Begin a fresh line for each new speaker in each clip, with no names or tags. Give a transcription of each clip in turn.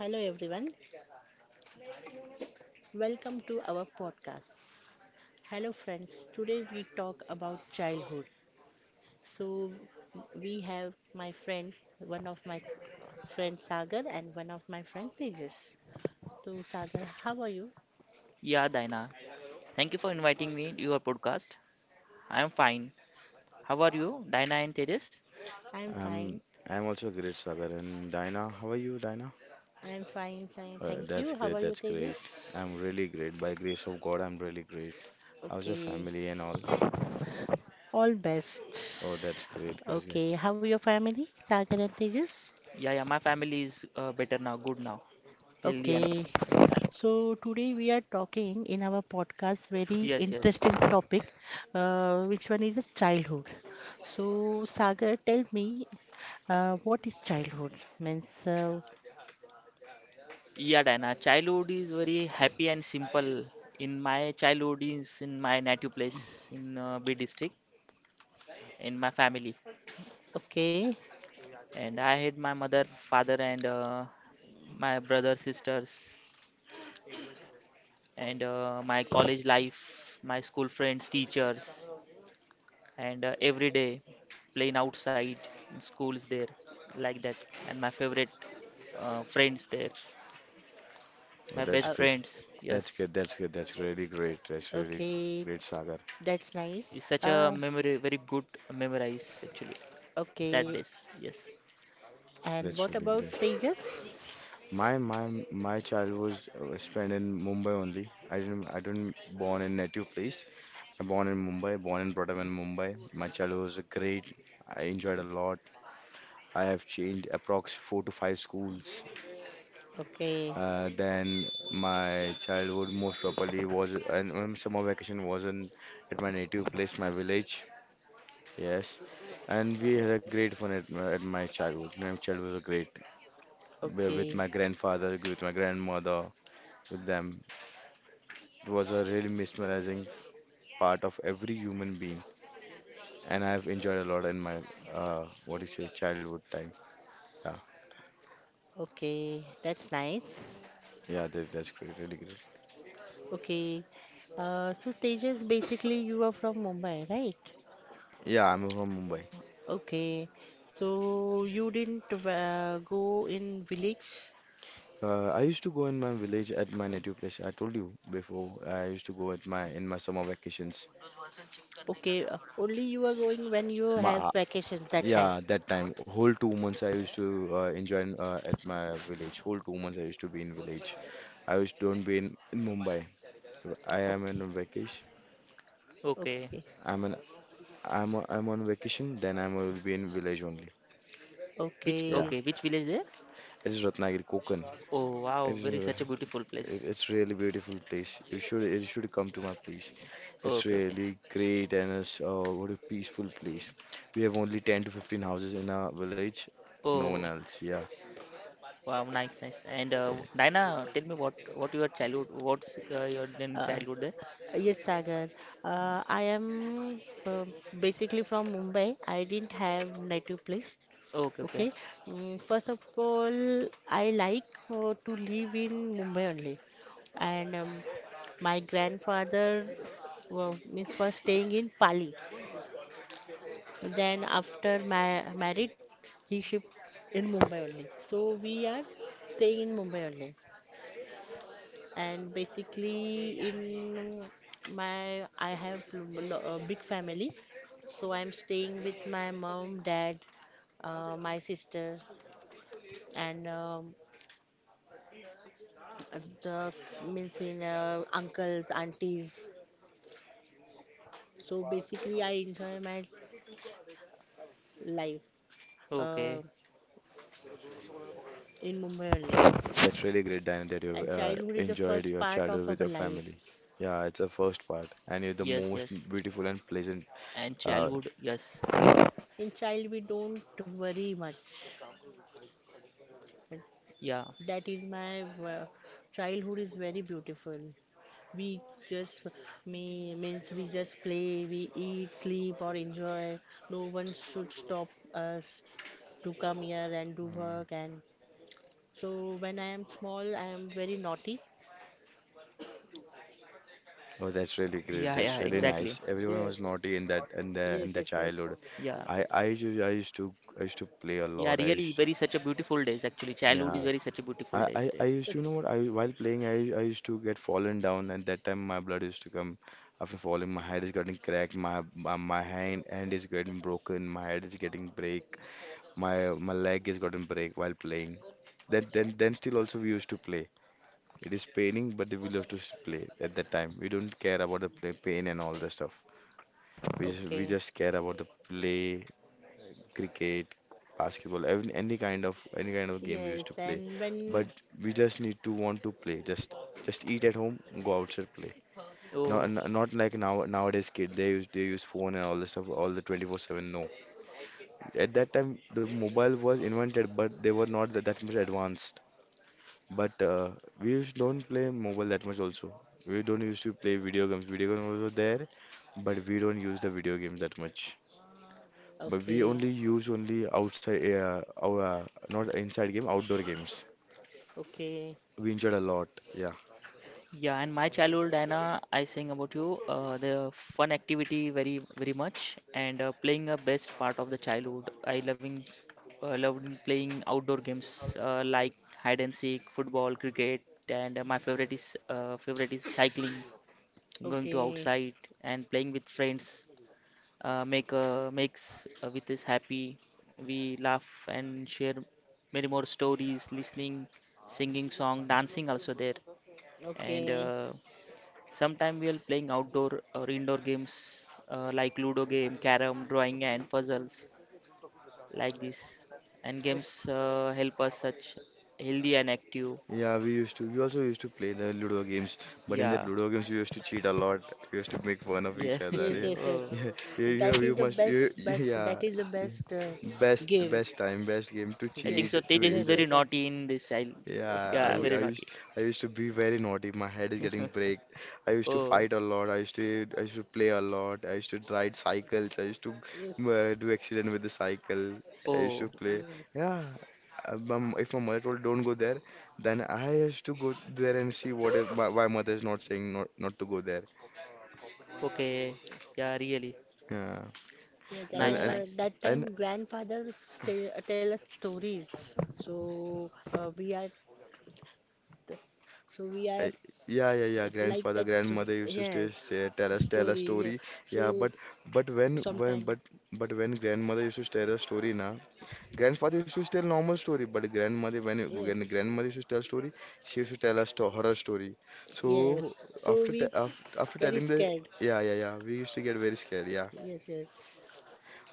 Hello everyone, welcome to our podcast. Hello friends, today we talk about childhood. So we have my friend, one of my friend Sagar and one of my friend Tejas. So Sagar, how are you?
Yeah, Dina. Thank you for inviting me to your podcast. I am fine. How are you, Dina and Tejas?
I'm
Um,
fine.
I'm also great, Sagar. And Dina, how are you, Dina?
I'm fine, Thank
That's
you. How
great,
are you
that's great.
Tejas?
I'm really great. By grace of God, I'm really great. How's your
Okay.
family and all?
All best.
Oh, that's great, that's great.
Okay. How are your family? Sagar and Tejas?
Yeah, yeah, my family is better now, good now, healthy and
Okay.
fine.
So today we are talking in our podcast very
Yes, yes.
interesting topic, which one is childhood. So Sagar, tell me, what is childhood? Means,
Yeah, Dina. Childhood is very happy and simple. In my childhood is in my native place in B district, in my family,
okay,
and I had my mother, father, and my brother, sisters, and my college life, my school friends, teachers. And every day playing outside in schools there, like that, and my favorite friends there,
Oh,
my
that's
best
uh,
great.
friends.
That's
Yes,
good, that's good, that's really great. That's really
okay,
great, Sagar.
that's nice.
it's such a memory, very good memorize actually, that
Okay,
days. Yes.
and
That's
what
really
about
great.
Tejas?
My child was spent in Mumbai only. I didn't born in native place. I born in Mumbai, born and brought up in Mumbai. My childhood was great. I enjoyed a lot. I have changed approx four to five schools.
Okay,
Then my childhood most probably was and summer vacation wasn't at my native place, my village. Yes, and we had a great fun at my childhood. My childhood was great. With
okay,
my grandfather, with my grandmother, with them. It was a really mesmerizing part of every human being, and I have enjoyed a lot in my, what do you say, childhood time. Yeah,
okay, that's nice.
yeah, that's great, really great.
Okay, so Tejas, basically you are from Mumbai, right?
Yeah, I'm from Mumbai.
Okay, so you didn't go in village?
I used to go in my village at my native place. I told you before. I used to go at my in my summer vacations.
Okay, only you are going when you
My
have vacations that time.
yeah, that time whole 2 months I used to enjoy in, at my village. Whole 2 months I used to be in village. I used don't be in Mumbai. If I am in
Okay,
on vacation.
Okay,
okay,
I'm an I am I am on vacation. Then I will be in village only.
which,
Yeah,
okay.
okay, which village there?
it is Ratnagiri, Konkan.
Oh,
It
wow,
is.
very such a beautiful place.
It's really beautiful place. You should come to my place. It's
Okay, okay.
really great, and it's what a peaceful place. We have only 10 to 15 houses in our village. No one
Oh,
else. Yeah.
wow, nice, nice. And
Yeah.
Diana, tell me, what your childhood, what's your then
Uh,
childhood there?
Yes, Sagar. I am uh, basically from Mumbai. I didn't have native place.
Okay, okay,
Okay. Mm, first of all, I like to live in Mumbai only. And my grandfather well, means first staying in Pali. Then after ma married, he shipped in Mumbai only. So we are staying in Mumbai only and basically in my I have a big family, so I'm staying with my mom, dad, my sister, and the means in uncles, aunties. So basically, I enjoy my life uh,
okay.
in Mumbai only.
That's really great, Diana, that
And
you've
childhood is the
enjoyed
first
your
part of
childhood
our
with your
life.
family. Yeah, it's the first part, and you're the
Yes,
most
yes.
beautiful and pleasant.
And
Uh,
childhood, yes.
In child, we don't worry much.
Yeah,
That is my childhood is very beautiful. We just me means we just play, we eat, sleep or enjoy. No one should stop us to come here and do work, and so when I am small I am very naughty.
oh, that's
Oh,
really great.
yeah, yeah,
That's really
yes,
exactly.
nice. Everyone
yes,
was naughty in that in
yes,
the
yes, yes,
childhood.
Yeah,
I I used I used to I used to play a
yeah,
lot. I
really,
used,
very such a beautiful days actually. Childhood
yeah,
is
yes.
very such a beautiful
I,
days
I, I
there.
used to, you
Such
know what, I while playing, I used to get fallen down, and that time my blood used to come after falling. My head is getting cracked, my hand is getting broken, my head is getting break, my my leg is getting break while playing. Then still also we used to play. It is paining, but we love to play at that time. We don't care about the play, pain and all the stuff. We
okay.
just care about the play. Cricket, basketball, every, any kind of game we
Yes,
used to play.
and
But
when
we just need to want to play. Just eat at home, go outside play. Not
Oh,
not like now nowadays kid they use phone and all the stuff all the 24/7. No, at that time the mobile was invented, but they were not that much advanced. But we used don't play mobile that much also. We don't used to play video games. Video games were there, but we don't use the video games that much. But we
okay,
only use only outside, our not inside game, outdoor games.
okay,
We enjoyed a lot. Yeah,
yeah. And my childhood, Anna, I sing about you. The fun activity, very, very much, and playing a best part of the childhood. I loving, loving playing outdoor games like hide and seek, football, cricket, and my favorite is cycling, going to
okay,
outside and playing with friends. Makes with us happy. We laugh and share many more stories, listening, singing song, dancing also there. And
okay,
sometime we are playing outdoor or indoor games like Ludo game, carom, drawing and puzzles, like this. And
okay.
games help us such healthy and active.
yeah. We used to. We also used to play the Ludo games. But in that
Yeah,
Ludo games, we used to cheat a lot. We used to make fun of
yeah.
each other.
Yes,
Yeah,
yes,
Oh.
yes.
yeah.
That is
You
the
must.
best, best. That
Yeah.
is the best
Best,
game.
best time, best game to
I
Okay.
think
cheat,
so.
to
Tejas is
Yes,
very
yes,
enjoy.
sir.
naughty in this child.
Yeah,
Yeah,
Yes,
very naughty.
I used to be very naughty. My head is getting break. I used to
Oh,
fight a lot. I used to play a lot. I used to ride cycles. I used to
yes,
do accident with the cycle. I used to
oh.
play.
yes,
Yeah, if my mother told don't go there, then I used to go there and see what if my, why mother is not saying not to go there.
Okay. Yeah, really.
Yeah,
yes. And
and
Nice,
and.
nice.
that
And
time, grandfather stay, tell us stories. So we are, th- so we are
I- yeah, yeah, yeah.
like
Grandfather,
that story.
grandmother used to stay,
Yes,
say, tell us, tell a
story. Yeah.
story. Yeah,
So
but when
sometime,
but when grandmother used to tell a story, na, grandfather used to tell normal story, but grandmother
yeah,
when grandmother used to tell story, she used to tell us to horror story. So
yes. So
after te
we
af after
very
telling the,
scared.
yeah yeah yeah, we used to get very scared. Yeah.
Yes, yes,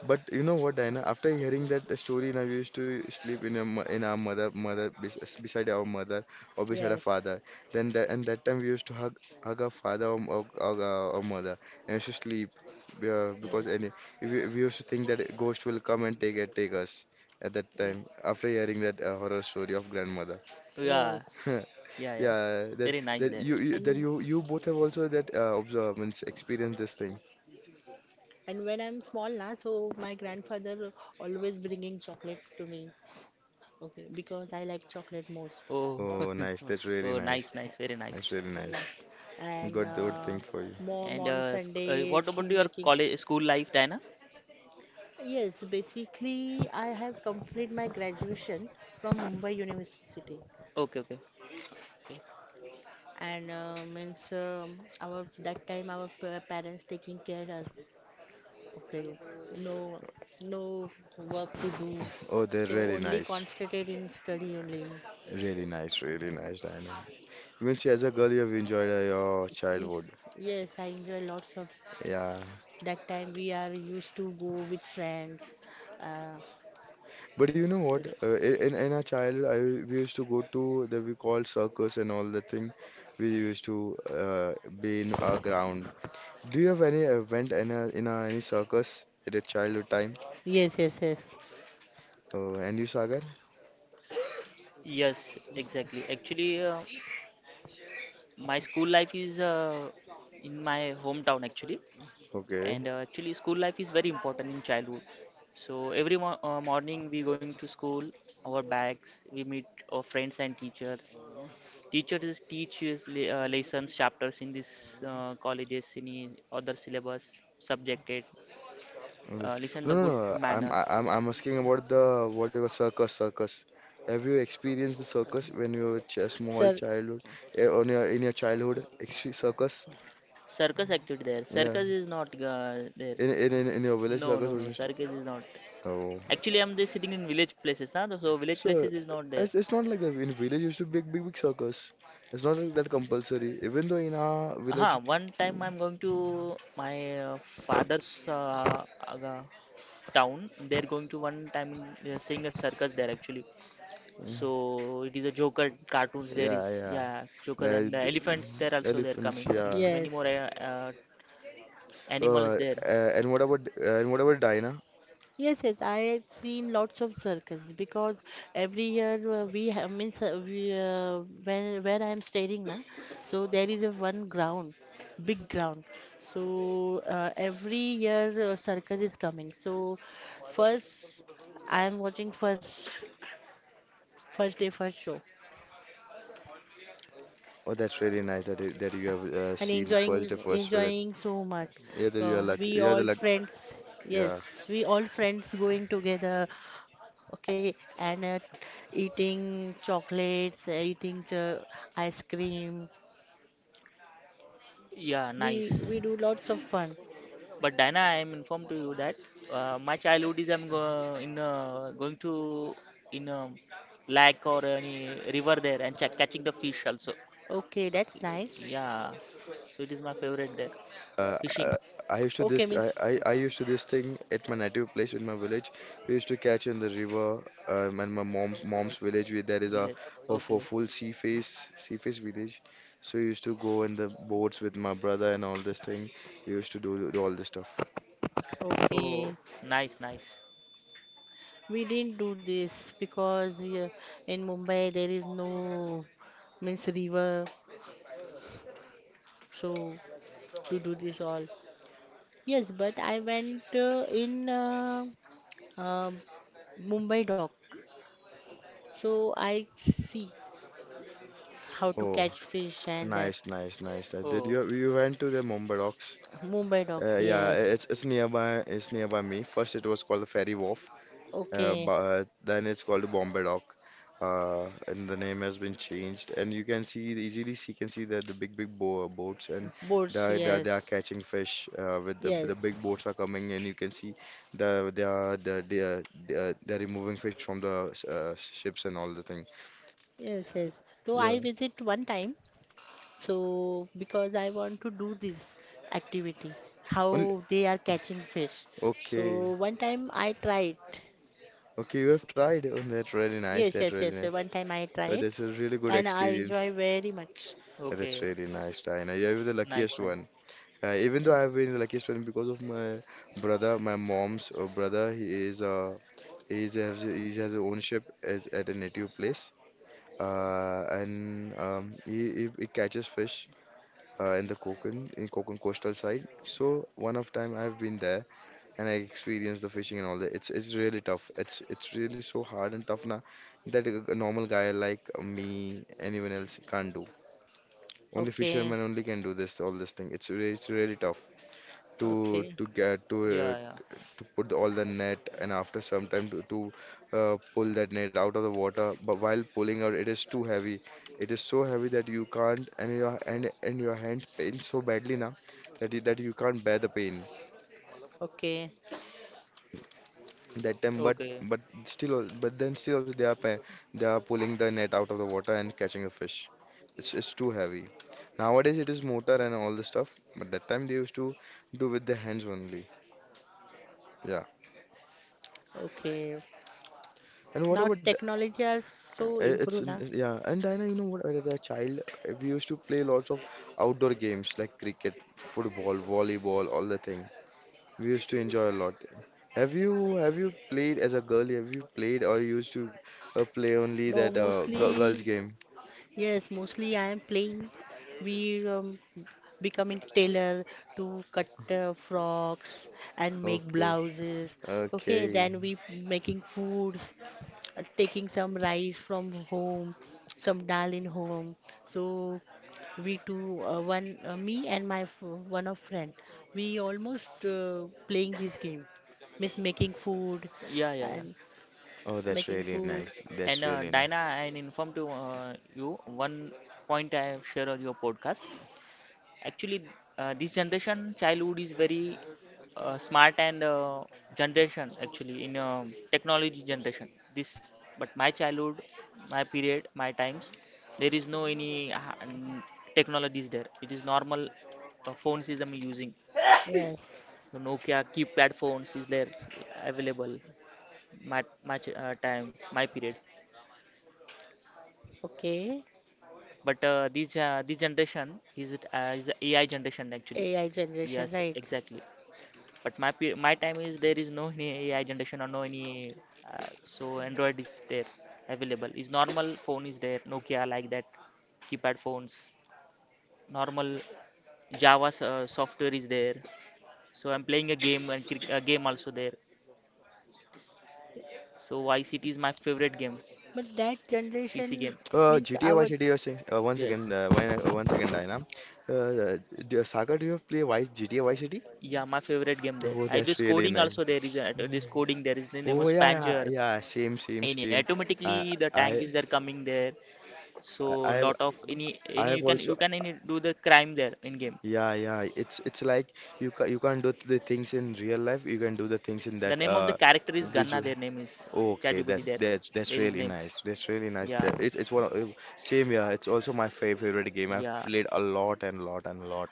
But you know what, Diana? After hearing that story, now we used to sleep in a, in our mother beside our mother or beside our
yes,
father. Then that and that time we used to hug our father or mother and used to sleep,
yes,
because any we used to think that a ghost will come and take us at that
yes,
time after hearing that horror story of grandmother.
Oh, yeah,
yes.
yeah, yeah.
Yeah, that
Very nice there.
that
And
you both have also that observed and experienced this thing.
And when I'm small now, so my grandfather always bringing chocolate to me. Okay, because I like chocolate most.
Oh,
Oh, nice. That's really
oh, nice,
nice.
nice. Very nice.
That's really
Yes.
nice.
And
Got the good thing for you.
mom
And
on Sunday,
what
she
about your
making.
college, school life, Diana?
Yes, basically I have complete my graduation from Mumbai University.
Okay, okay.
Okay. And means our that time our parents taking care us. Okay. No, no work to do.
Oh, they're
So
really
only
nice.
concentrated in study only.
Really nice, really
Okay.
nice, Diana. Even see, as a girl, you have enjoyed your
Yes,
childhood.
yes, I enjoy lots of
Yeah.
that time we are used to go with friends. Uh,
But you know what? In our childhood, I we used to go to the we call circus and all the thing. We used to uh, be in our ground. Do you have any event in a, any circus at a childhood time?
yes, yes, yes.
Oh, and you, Sagar?
Yes, exactly. Actually, my school life is in my hometown actually,
Okay.
and actually, school life is very important in childhood. So every mo morning we going to school, our bags, we meet our friends and teachers. Teachers teach you lessons, chapters in this colleges, any other syllabus, subjected. Uh,
Yes.
listen
No,
the
no,
good
no.
manners.
I'm asking about the what you were circus, circus. Have you experienced the circus when you were a small
Sir,
childhood, eh, on your in your childhood, exp circus?
Circus activity there.
Yeah,
Circus is not there.
in your village
No,
circus
no,
was
no.
used to.
Circus is not.
Oh,
Actually, I'm just sitting in village places, na? So village
so
places is not there.
it's not like that. In village used to be big circus. It's not like that compulsory. Even though in our
Aha,
village,
one time I'm going to my father's uh, town. They're going to one time seeing a circus there actually. So it is a Joker cartoons. There
yeah,
is,
yeah,
yeah, Joker
the,
and the
the
elephants. There also they're
elephants,
coming.
yeah.
Means many more
yes.
Uh,
animals there.
and what about Dinah?
Yes, yes, I had seen lots of circus because every year we have means when where I am staying now, so there is a one ground, big ground. So every year circus is coming. So first I am watching first day first show,
Oh, that's really nice that it, that you have
and
seen the
enjoying
first show that,
enjoying so much.
yeah, that you are
We
lucky, yeah, the
all
luck.
friends,
Yeah.
yes, we all friends going together, okay, and eating chocolates, ice cream.
Yeah, nice.
We do lots of fun.
But Diana, I am informed to you that my childhood is I'm go in going to in a lake or any river there and ch catching the fish also.
Okay, that's nice.
Yeah, so it is my favorite there.
uh, uh,
Fishing
I used to
Okay,
this
means f-
I used to this thing at my native place in my village we used to catch in the river, and my mom's village where there is a
village. Okay.
full sea face village so we used to go in the boats with my brother and all this thing we used to do all this stuff.
Oh,
okay.
nice, nice.
We didn't do this because in Mumbai there is no means river so to do this all yes but I went in uh, Mumbai dock. So I see how to
Oh,
catch fish and that
nice nice nice nice, did
Oh,
you you went to the Mumbai docks?
Mumbai docks.
Yeah,
Yes.
it's nearby. It's nearby me. First, it was called the Ferry Wharf,
Okay.
but then it's called the Bombay Dock, and the name has been changed. And you can see easily, see can see that the big big bo boats and
Boats.
they are
Yes.
catching fish. With the
Yes.
big boats are coming and you can see they are they're removing fish from the ships and all the thing.
Yes. Yes. So
Yeah.
I visit one time. So because I want to do this activity,
Only,
how they are catching fish.
okay.
So one time I tried.
Okay, you have tried. Oh, that's really nice.
Yes.
That's
Yes.
really
Yes. Sir,
nice.
one time I
Oh,
tried,
that's a really good
and I enjoy
experience.
very much.
That is
okay.
really nice, Diana. Yeah, you're the
Nice,
luckiest
nice.
one. Even though
Yes.
I've been the luckiest one because of my brother, my mom's brother. He is, has he has a ownership as, at a native place. And he catches fish in the Konkan coastal side. So one of time I've been there and I experienced the fishing and all that. It's really tough. It's really so hard and tough now that a normal guy like me, anyone else can't do. Only
Okay.
fishermen only can do this all this thing. It's really tough to
Okay.
to get to
Yeah,
uh,
yeah.
to put all the net and after some time to pull that net out of the water. But while pulling out, it is too heavy. It is so heavy that you can't and your and your hand pains so badly now that that you can't bear the pain.
Okay.
That time, but
Okay.
but still al- but then still also they are they are pulling the net out of the water and catching a fish. It's too heavy. Nowadays it is motor and all the stuff, but that time they used to do with the hands only. Yeah.
Okay.
and what
Now
about the-
technology has so
uh,
improved now.
yeah, and Diana, you know what, as a child, we used to play lots of outdoor games like cricket, football, volleyball, all the thing. We used to enjoy a lot. Have you played as a girl? Have you played or used to play only
No,
that girls
mostly
game?
yes, mostly I am playing. We becoming tailor to cut frocks and make
Okay.
blouses. Okay,
Okay.
then we making foods, taking some rice from home, some dal in home. So we two, one me and my one of friend, we almost playing this game, Miss making food
Yeah, yeah, yeah.
and.
Oh, that's
Making
really
food.
nice. That's
And
really nice.
Dina, I informed to you one point I have shared on your podcast. Actually, this generation childhood is very smart and generation actually in technology generation. This, but my childhood, my period, my times, there is no any technologies there. It is normal phones is I'm using.
Yes.
So Nokia keypad phones is there available. My time, my period.
Okay.
But this this generation is it is AI generation actually.
AI generation,
Yes,
right?
exactly. But my my time is there is no any AI generation or no any so Android is there available. Is normal phone is there Nokia, like that, keypad phones. Normal Java software is there. So I'm playing a game and a game also there. So YCT is my favorite game,
But that
PC
generation
game.
means
GTA Vice
our
City. You're saying one second.
Yes.
One one second, Diana. Uh, uh, Saga, do you have play Vice GTA Vice City?
Yeah, my favorite game there.
Oh,
I do
that's really
coding
nice.
also, there is a, this coding, there is the name
Oh
of
yeah, yeah,
Spanger.
yeah. Same, same,
Any
same. I,
automatically the tank
I,
is there coming there, so
I I have,
lot of any
I
any you
have
can,
also.
you can any do the crime there in game.
Yeah, yeah. It's like you can't do the things in real life. You can do the things in
The
that
name of the character is ganna,
visual.
their name is
Okay,
chatgpt
that's
there,
that's that's
there is
really
name.
nice. That's really nice.
Yeah,
That it's one of, same, yeah. It's also my favorite game. I've
yeah.
played a lot and lot and lot.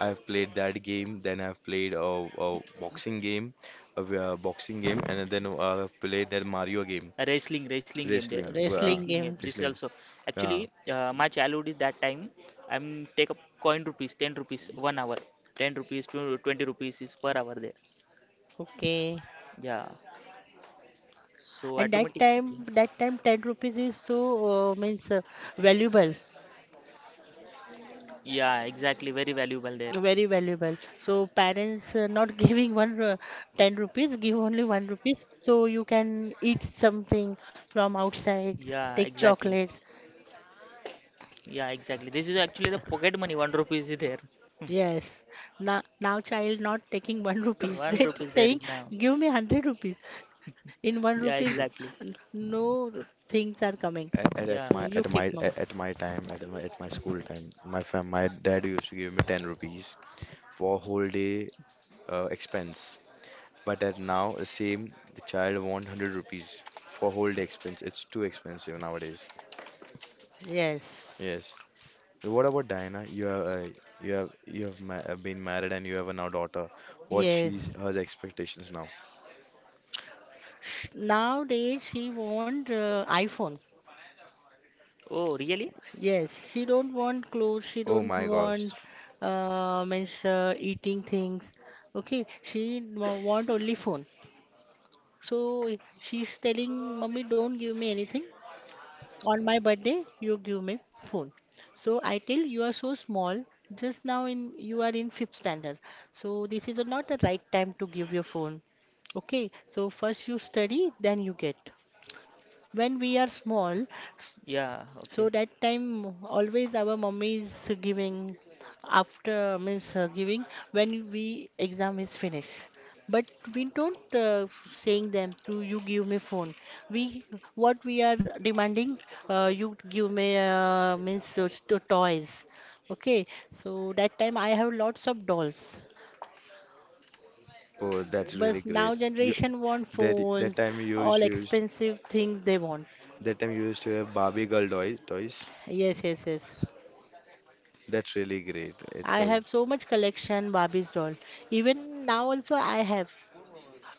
I've played that game. Then I've played a boxing game, a boxing game, and then I've played that Mario game,
A wrestling game there.
wrestling,
A
wrestling
wrestling game,
games.
this is
wrestling.
also actually,
Yeah.
my childhood is that time I'm take up coin rupees 10 rupees 1 hour, 10 rupees to 20 rupees is per hour there.
Okay.
Yeah, so
And that
automatic.
time, that time, 10 rupees is so means valuable,
Yeah, exactly, very valuable there.
very valuable. So parents not giving one 10 rupees, give only one rupees. So you can eat something from outside,
Yeah,
take
exactly.
chocolates.
Yeah, exactly. This is actually the pocket money. One rupee is there.
Yes. Now, now child not taking one rupees.
One
They
rupees there
saying,
now.
give me 100 rupees. In one
Yeah,
rupees,
exactly.
no things are coming.
At, at, at
Yeah.
my
You
at my
keep mum.
school time, my dad used to give me 10 rupees for whole day expense. But at now, the same, the child want 100 rupees for whole day expense. It's too expensive nowadays.
Yes.
Yes. What about Diana? You have ma been married, and you have a now daughter. What
Yes.
she's her expectations now?
Nowadays she want iPhone.
Oh, really?
Yes, she don't want clothes. She
Oh
don't
my gosh.
want means eating things. Okay, she want only phone. So she's telling, "Mummy, don't give me anything. On my birthday you give me phone." So I tell, "You are so small, just now in you are in fifth standard, so this is not the right time to give your phone. Okay, so first you study, then you get." When we are small,
Yeah.
so
Okay.
that time always our mummy is giving, after means giving when we exam is finished. But we don't saying them to you give me phone. We what we are demanding, you give me means to toys. Okay, so that time I have lots of dolls.
Oh, that's really
But now
great. You
generation want
that that
phones,
time you
all
used used
expensive things they want.
That time you used to have Barbie girl toys.
Yes, yes, yes.
That's really great. It's
I
a
have so much collection Barbie's doll. Even now also I have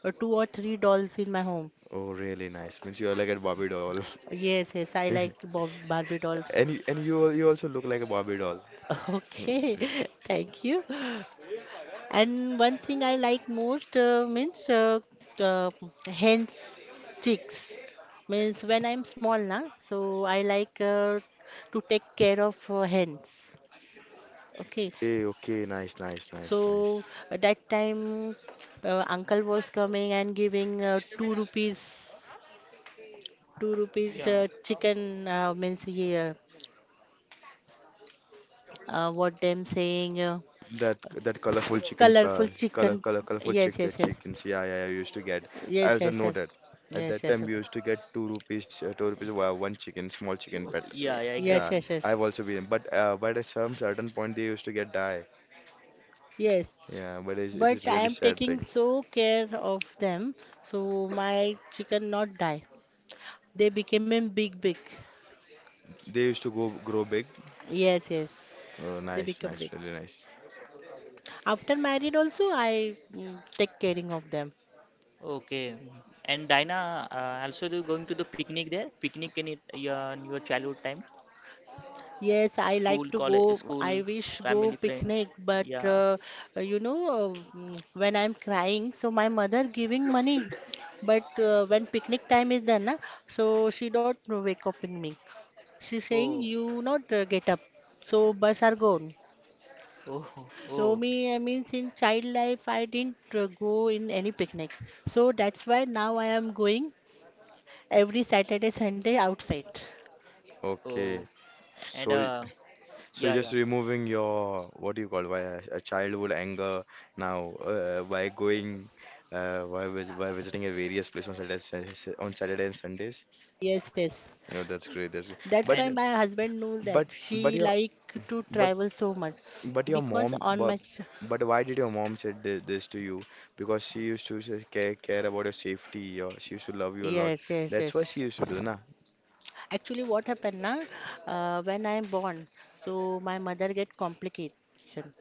two or three dolls in my home.
Oh, really nice. Means you are like a Barbie doll.
Yes, yes, I like Bob Barbie dolls.
And you also look like a Barbie doll.
Okay, thank you. And one thing I like most means uh, hand sticks. Means when I'm small, na, so I like to take care of hands. Okay,
Okay, okay, nice, nice, nice,
so
nice.
at that time, uncle was coming and giving two rupees
Yeah.
chicken what them saying
That colorful chicken,
colorful chicken.
colorful
Yes, yes, yes,
chickens. Yeah, yeah, yeah. We used to get. I
yes,
also
yes,
know
yes,
that. At
yes,
that
yes,
time,
yes,
we used to get 2 rupees, 2 rupees one chicken, small chicken
oh,
pet.
eh,
Yeah. Yeah.
yes,
Yeah,
Exactly.
yes, yes.
I've also been. But at some certain point, they used to get die.
Yes.
Yeah, but it is
But I
really
am
sad
taking
thing.
so care of them, so my chicken not die. They became big, big.
They used to go grow big.
Yes, yes,
Oh,
they
nice,
become
nice,
big.
really nice.
After married also, I mm, take caring of them.
Okay. And Dina, also you going to the picnic there? Picnic in it, yeah, in your childhood time?
Yes, I like
School,
to
college,
go.
school,
I wish go
family, friends.
picnic, but
Yeah.
you know mm, when I'm crying, so my mother giving money, but when picnic time is done, na, so she don't wake up in me. She saying
Oh.
you not get up, so bus are gone.
Oh.
So
Oh.
me, I mean, since child life, I didn't go in any picnic. So that's why now I am going every Saturday, Sunday outside.
Oh.
Okay,
And
so. So you're
yeah,
just
yeah.
removing your, what do you call, why a childhood anger now, by going, by visiting a various place on Saturdays and on Saturday and Sundays.
Yes, yes.
No, that's great. That's great.
That's why
But
And
my husband knew
but
that
but
she
your
like to
but
travel so much
but your
because
mom
on my ch-
but why did your mom said this to you? Because she used to say, care about your safety. Your, she used to love you a lot.
yes, yes,
That's why she
yes.
used to do, na?
Actually, what happened na? When I'm born, so my mother get complication.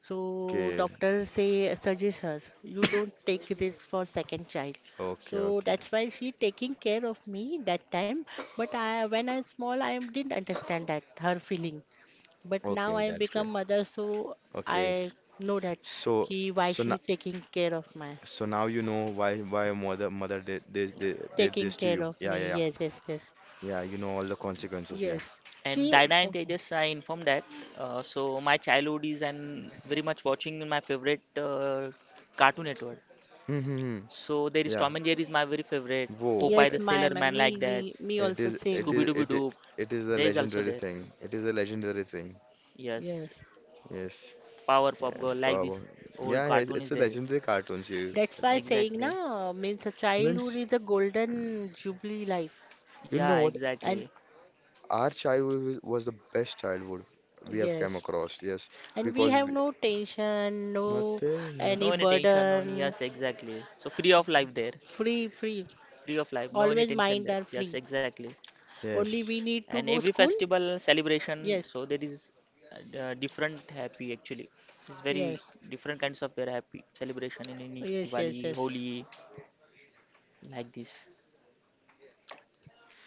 So
Okay,
doctor say suggest her you don't take this for second child. So
okay, okay,
that's why she taking care of me that time. But I when I small I didn't understand that her feeling. But now
okay.
I
That's great.
become mother, so I
Okay,
know that
so
ki why she
now.
taking care of my
So now you know why your mother did did
taking
this to
care
you.
of
Yeah, yeah,
me.
yeah.
Yes, yes, yes,
Yeah, you know all the consequences, yeah.
yes.
And
She,
Dina and
oh,
Tejas, I informed that. So my childhood is and very much watching my favorite Cartoon Network.
Hmm, hmm, hmm.
So there is
Yeah.
Tom and Jerry is my very favorite.
Whoa.
Popeye the
yes, my,
Sailor
my
Man like
me
that.
me me
It
also
is it
same.
Scooby
is
Dooby
it is,
Doo.
it is a
There is also
legendary
there.
thing. It is a legendary thing.
Yes,
Yes.
Yes.
Powerpuff
Yeah,
Girl, like
power.
this old
Yeah, yeah,
cartoon is
it's a
there.
legendary cartoon series.
that's why saying
Exactly.
na means a childhood
Means,
is a golden jubilee life,
you know
Yeah,
what?
and
exactly.
Our childhood was the best childhood we have come
yes,
across. Yes,
and we
because
have
we,
no tension, no
nothing,
any
No any tension, no any,
burden,
yes, exactly. So free of life there.
free, free.
Free of life, no any
Always
tension
mind
there.
are
Yes,
free.
exactly.
Only we
Yes.
need to
And
go
every
school.
festival celebration,
Yes,
so there is different happy actually, it's very
yes,
different kinds of their happy celebration in any
yes,
Diwali,
yes, yes,
Holi, like this.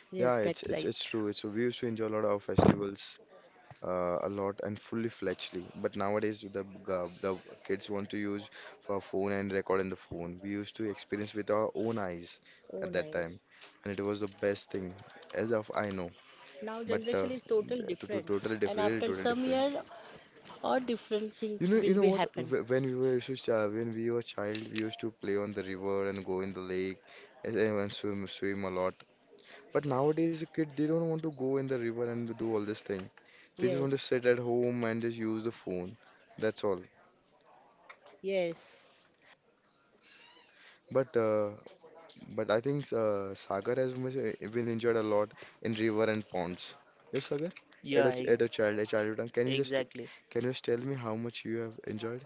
yes,
Yeah, it's
that's
it's
right.
it's true. It's, we used to enjoy a lot of festivals, a lot and fully fledgedly. But nowadays, the kids want to use for phone and record in the phone. We used to experience with our own eyes
Oh,
at that
nice.
time, and it was the best thing, as of I know.
Now
But
generation is total
To
different,
totally
and
different, really
after
totally
some
different.
year, all different things
You
will
know
be
what?
happen.
When we were child, we used to play on the river and go in the lake and swim a lot. But nowadays, the kid they don't want to go in the river and to do all this thing. They just
Yes,
want to sit at home and just use the phone. That's all.
yes.
But uh, but I think Sagar has much, been enjoyed a lot in river and ponds. Yes, Sagar. At a,
Yeah,
ch- at a child, A childhood time.
exactly.
Can you just tell me how much you have enjoyed?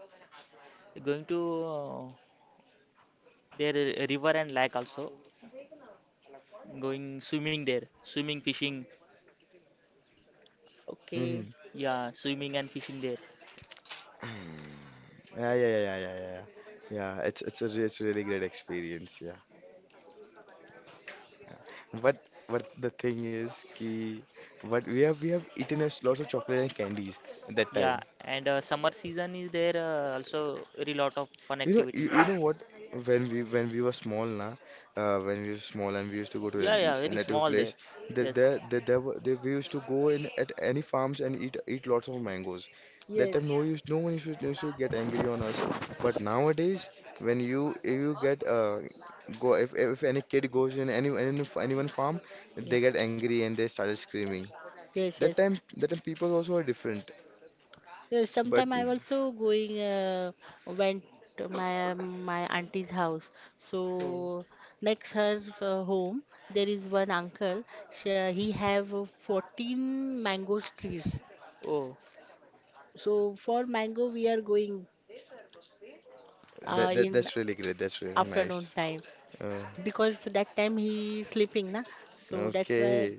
Going to uh, their river and lake also, going swimming there, swimming, fishing.
Hmm,
Okay.
mm,
Yeah, swimming and fishing there.
yeah, yeah, yeah, yeah, yeah, yeah. Yeah, it's really great experience. Yeah. But but the thing is ki, but we have eaten lots of chocolate and candies at that
Yeah.
time.
And summer season is there, also very lot of fun activity.
You know what, when we were small, na, when we were small and we used to go to
Yeah, yeah,
a
very
native
small there.
place, that
Yes.
we used to go in at any farms and eat lots of mangoes. That time,
Yes,
no one used to, no used to get angry on us. But nowadays, when you if you get go if any kid goes in any anyone farm, they
yes,
get angry and they started screaming.
yes, yes.
That time people also are different.
Yes,
But
sometime I'm also going went to my my auntie's house.
Oh.
So next her home there is one uncle. She, he have 14 mango trees.
Oh.
So for mango, we are going
that, that
in
That's really great. That's really
afternoon
nice.
time
Oh,
because that time he is sleeping, na. So that's why
okay.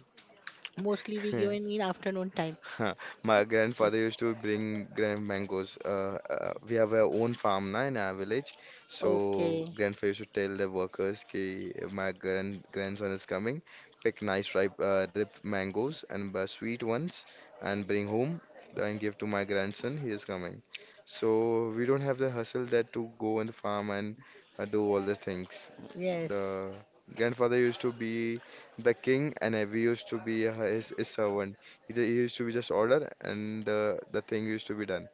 mostly we go in afternoon time.
My
So,
grandfather used to bring grand mangoes. We have our own farm, na, in our village. So
okay.
grandfather used to tell the workers, ki, my grandson is coming. Pick nice ripe mangoes, and sweet ones, and bring home, and give to my grandson. He is coming. So we don't have the hustle that to go on the farm and do all the things.
Yes.
The grandfather used to be the king, and we used to be his servant. He used to be just order, and the thing used to be done.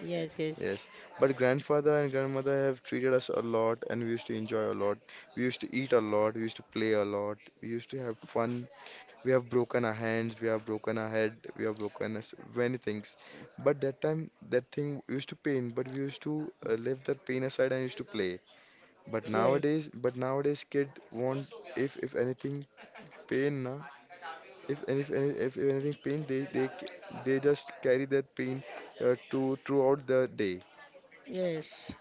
Yes. Yes.
Yes, but grandfather and grandmother have treated us a lot, and we used to enjoy a lot. We used to eat a lot. We used to play a lot. We used to have fun. We have broken our hands. We have broken our head. We have broken us many things. But that time, that thing used to pain. But we used to leave that pain aside and used to play.
Yes.
But nowadays, kid want, if anything pain, na, if anything pain, they just carry that pain, to throughout the day.
Yes.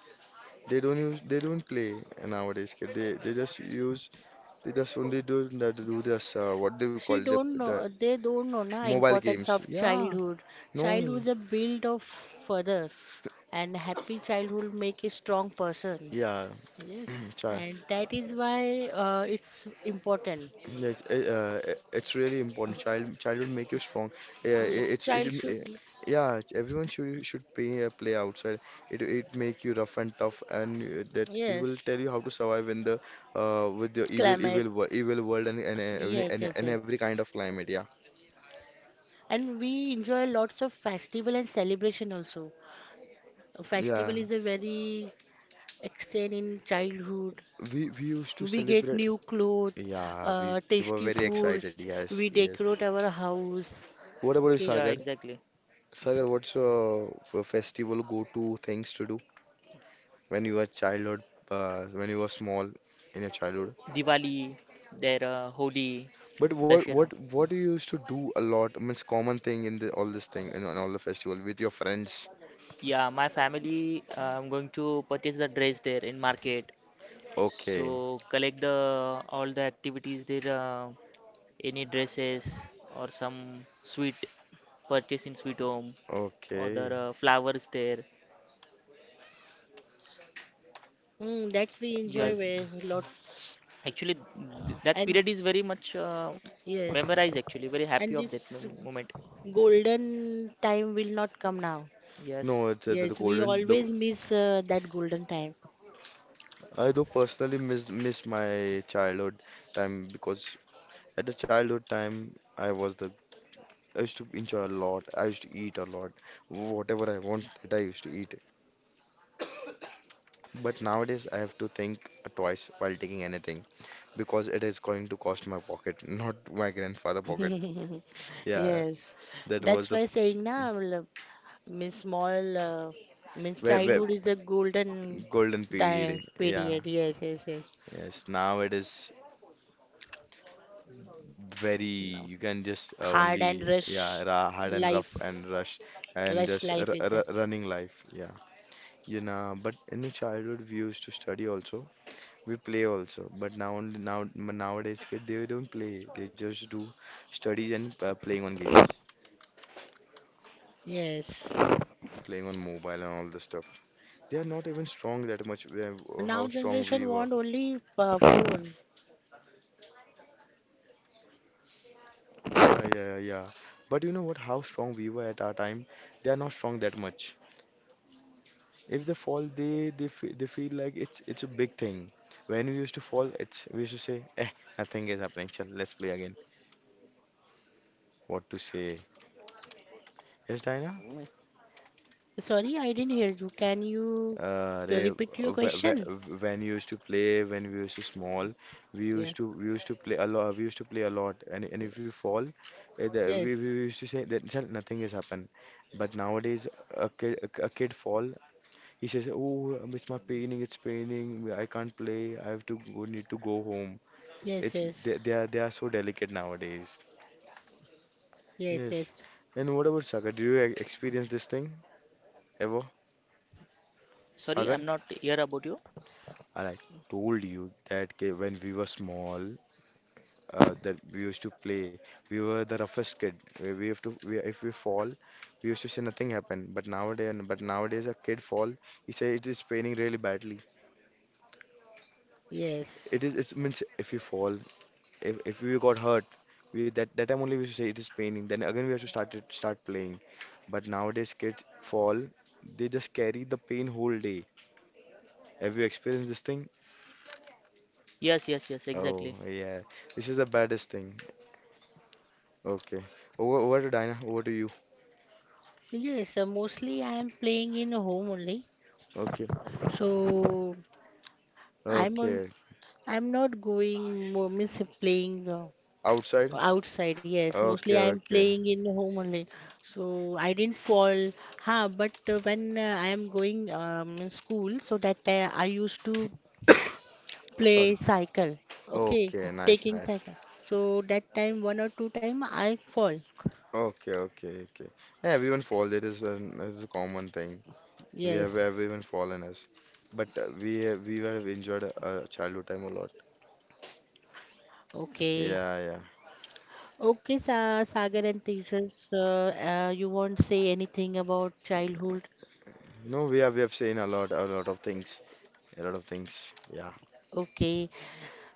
They don't play nowadays, kid. They just only do that. Do this, what do you call,
She
the
don't
the
know. They don't know na
mobile
importance
games?
of
Yeah,
childhood. Childhood is
no,
a build of further, and happy childhood make a strong person.
yeah,
Yes.
child.
And that is why it's important.
It's, it, uh, it's really important. Childhood make you strong. Yeah, it,
Yes,
it's it,
child
m- eh,
should,
yeah. Everyone should play play outside. It make you rough and tough, and that it will
yes,
tell you how to survive in the with the evil
climate,
evil world, evil world, every,
yes,
and,
yes,
and
yes.
every kind of climate. Yeah,
And we enjoy lots of festival and celebration also. A
yeah.
festival is a very extend in childhood.
We used to
We get
celebrate.
new clothes,
Yeah, we we were
tasty
very excited.
foods,
Yes,
we
yes.
decorate our house.
What about you,
Okay,
Yeah,
Sagar?
exactly.
Sagar, what's your festival go-to things to do when you were childhood, when you were small, in your childhood.
Diwali, there, Holi,
But what
Dashera.
what what do you used to do a lot? I mean, it's common thing in the, all this thing and all the festival with your friends.
Yeah, my family, I'm going to purchase the dress there in market.
Okay,
So collect the all the activities there, any dresses or some sweet purchase in sweet home, other
okay.
flowers there.
mm, that's we
Uh,
enjoy
Yes,
where lots
actually th that
and
period is very much
yes,
memorized. Actually, very happy
and
of that
this
moment.
golden time will not come now.
no,
Yes.
it's the
Yes, we
golden.
always miss that golden time.
I do personally miss my childhood time, because at the childhood time, I was the I used to enjoy a lot. I used to eat a lot, whatever I want that I used to eat. But nowadays I have to think twice while taking anything, because it is going to cost my pocket, not my grandfather pocket. Yeah,
Yes,
that was
that's
the
why saying na matlab, means small means
ve- ve-
childhood is a golden
golden period,
time
eh? Yeah,
period. Yes, yes, yes.
yes. Now it is very,
No.
you can just
Hard and
only, yeah, ra hard and rough and
life,
rush, and
rush
just
life
r
is
r
that.
running life. Yeah, but in the childhood, we used to study also. We play also, but now nowadays kid they don't play. They just do studies and playing on games,
Yes.
playing on mobile and all the stuff. They are not even strong that much,
Now
how strong
generation
we were.
want only phone.
Yeah, yeah, yeah. Yeah. But you know what? How strong we were at our time, they are not strong that much. If they fall, they feel like it's a big thing. When we used to fall, it's we used to say, eh, nothing is happening. Chal, let's play again. What to say? Yes, Diana?
Mm. Sorry, I didn't hear you. Can you repeat your question?
When we used to play, when we used to small,
Yeah.
we used to play a lot. We used to play a lot, and
Yes.
if you fall, eh, we
Yes.
we used to say that, "Sir, nothing has happened." But nowadays, a kid fall, he says, "Oh, it's my paining, it's paining. I can't play. I have to go, need to go home."
Yes.
It's
Yes.
they are so delicate nowadays.
Yes.
Yes.
Yes.
And what about Sagar? Do you experience this thing ever,
Sorry,
Sagar?
I'm not here about you.
And I told you that, ki- when we were small, that we used to play. We were the roughest kid. We have to we, If we fall, we used to say nothing happened. But nowadays a kid fall, he say it is paining really badly.
Yes,
It means if we fall, if we got hurt, we that time only we used to say it is paining. Then again we have to start it, start playing. But nowadays kids fall, they just carry the pain whole day. Have you experienced this thing?
Yes, yes, yes,
Oh
exactly.
yeah, this is the baddest thing. Okay, over to Dinah. Over to you.
yes. Mostly I am playing in home only,
Okay.
so I'm al-
Okay,
I'm not going means playing
outside?
outside. Yes,
Okay,
mostly I am
okay.
playing in home only, so I didn't fall. Ha, but when I am going in school, so that I used to
Sorry.
play cycle. Okay,
Okay, nice,
taking
nice.
cycle. So that time one or two time I fall.
Okay, okay, okay. Yeah, everyone fall. It is a common thing. We have
Yes.
everyone fallen as, but we have enjoyed childhood time a lot.
Okay.
Yeah, yeah.
Okay, Sa Sagar and Tejas, you won't say anything about childhood.
No, we have seen a lot of things, a lot of things. Yeah,
Okay,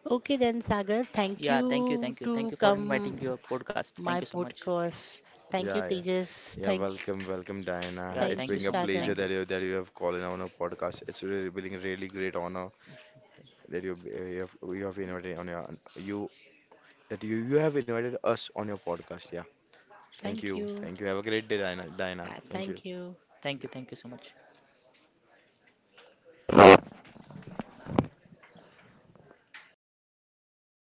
okay then, Sagar. Thank
Yeah, thank you,
you
thank you,
to
thank you for inviting
come
your podcast. Thank
my
you so much.
podcast. Thank you,
yeah, yeah.
Tejas.
Yeah,
Thank,
welcome, welcome, Diana.
Yeah,
It's
thank
thank you
you,
been
so
a
much.
pleasure
Sagar.
Thank you,
that you have called in on a podcast. It's really been a really great honor that you have invited on your you that you have invited us on your podcast. Yeah. Thank
Thank
you.
you.
Thank you. Have a great day, Diana. Diana. Thank you.
Thank you.
thank you, thank you so much.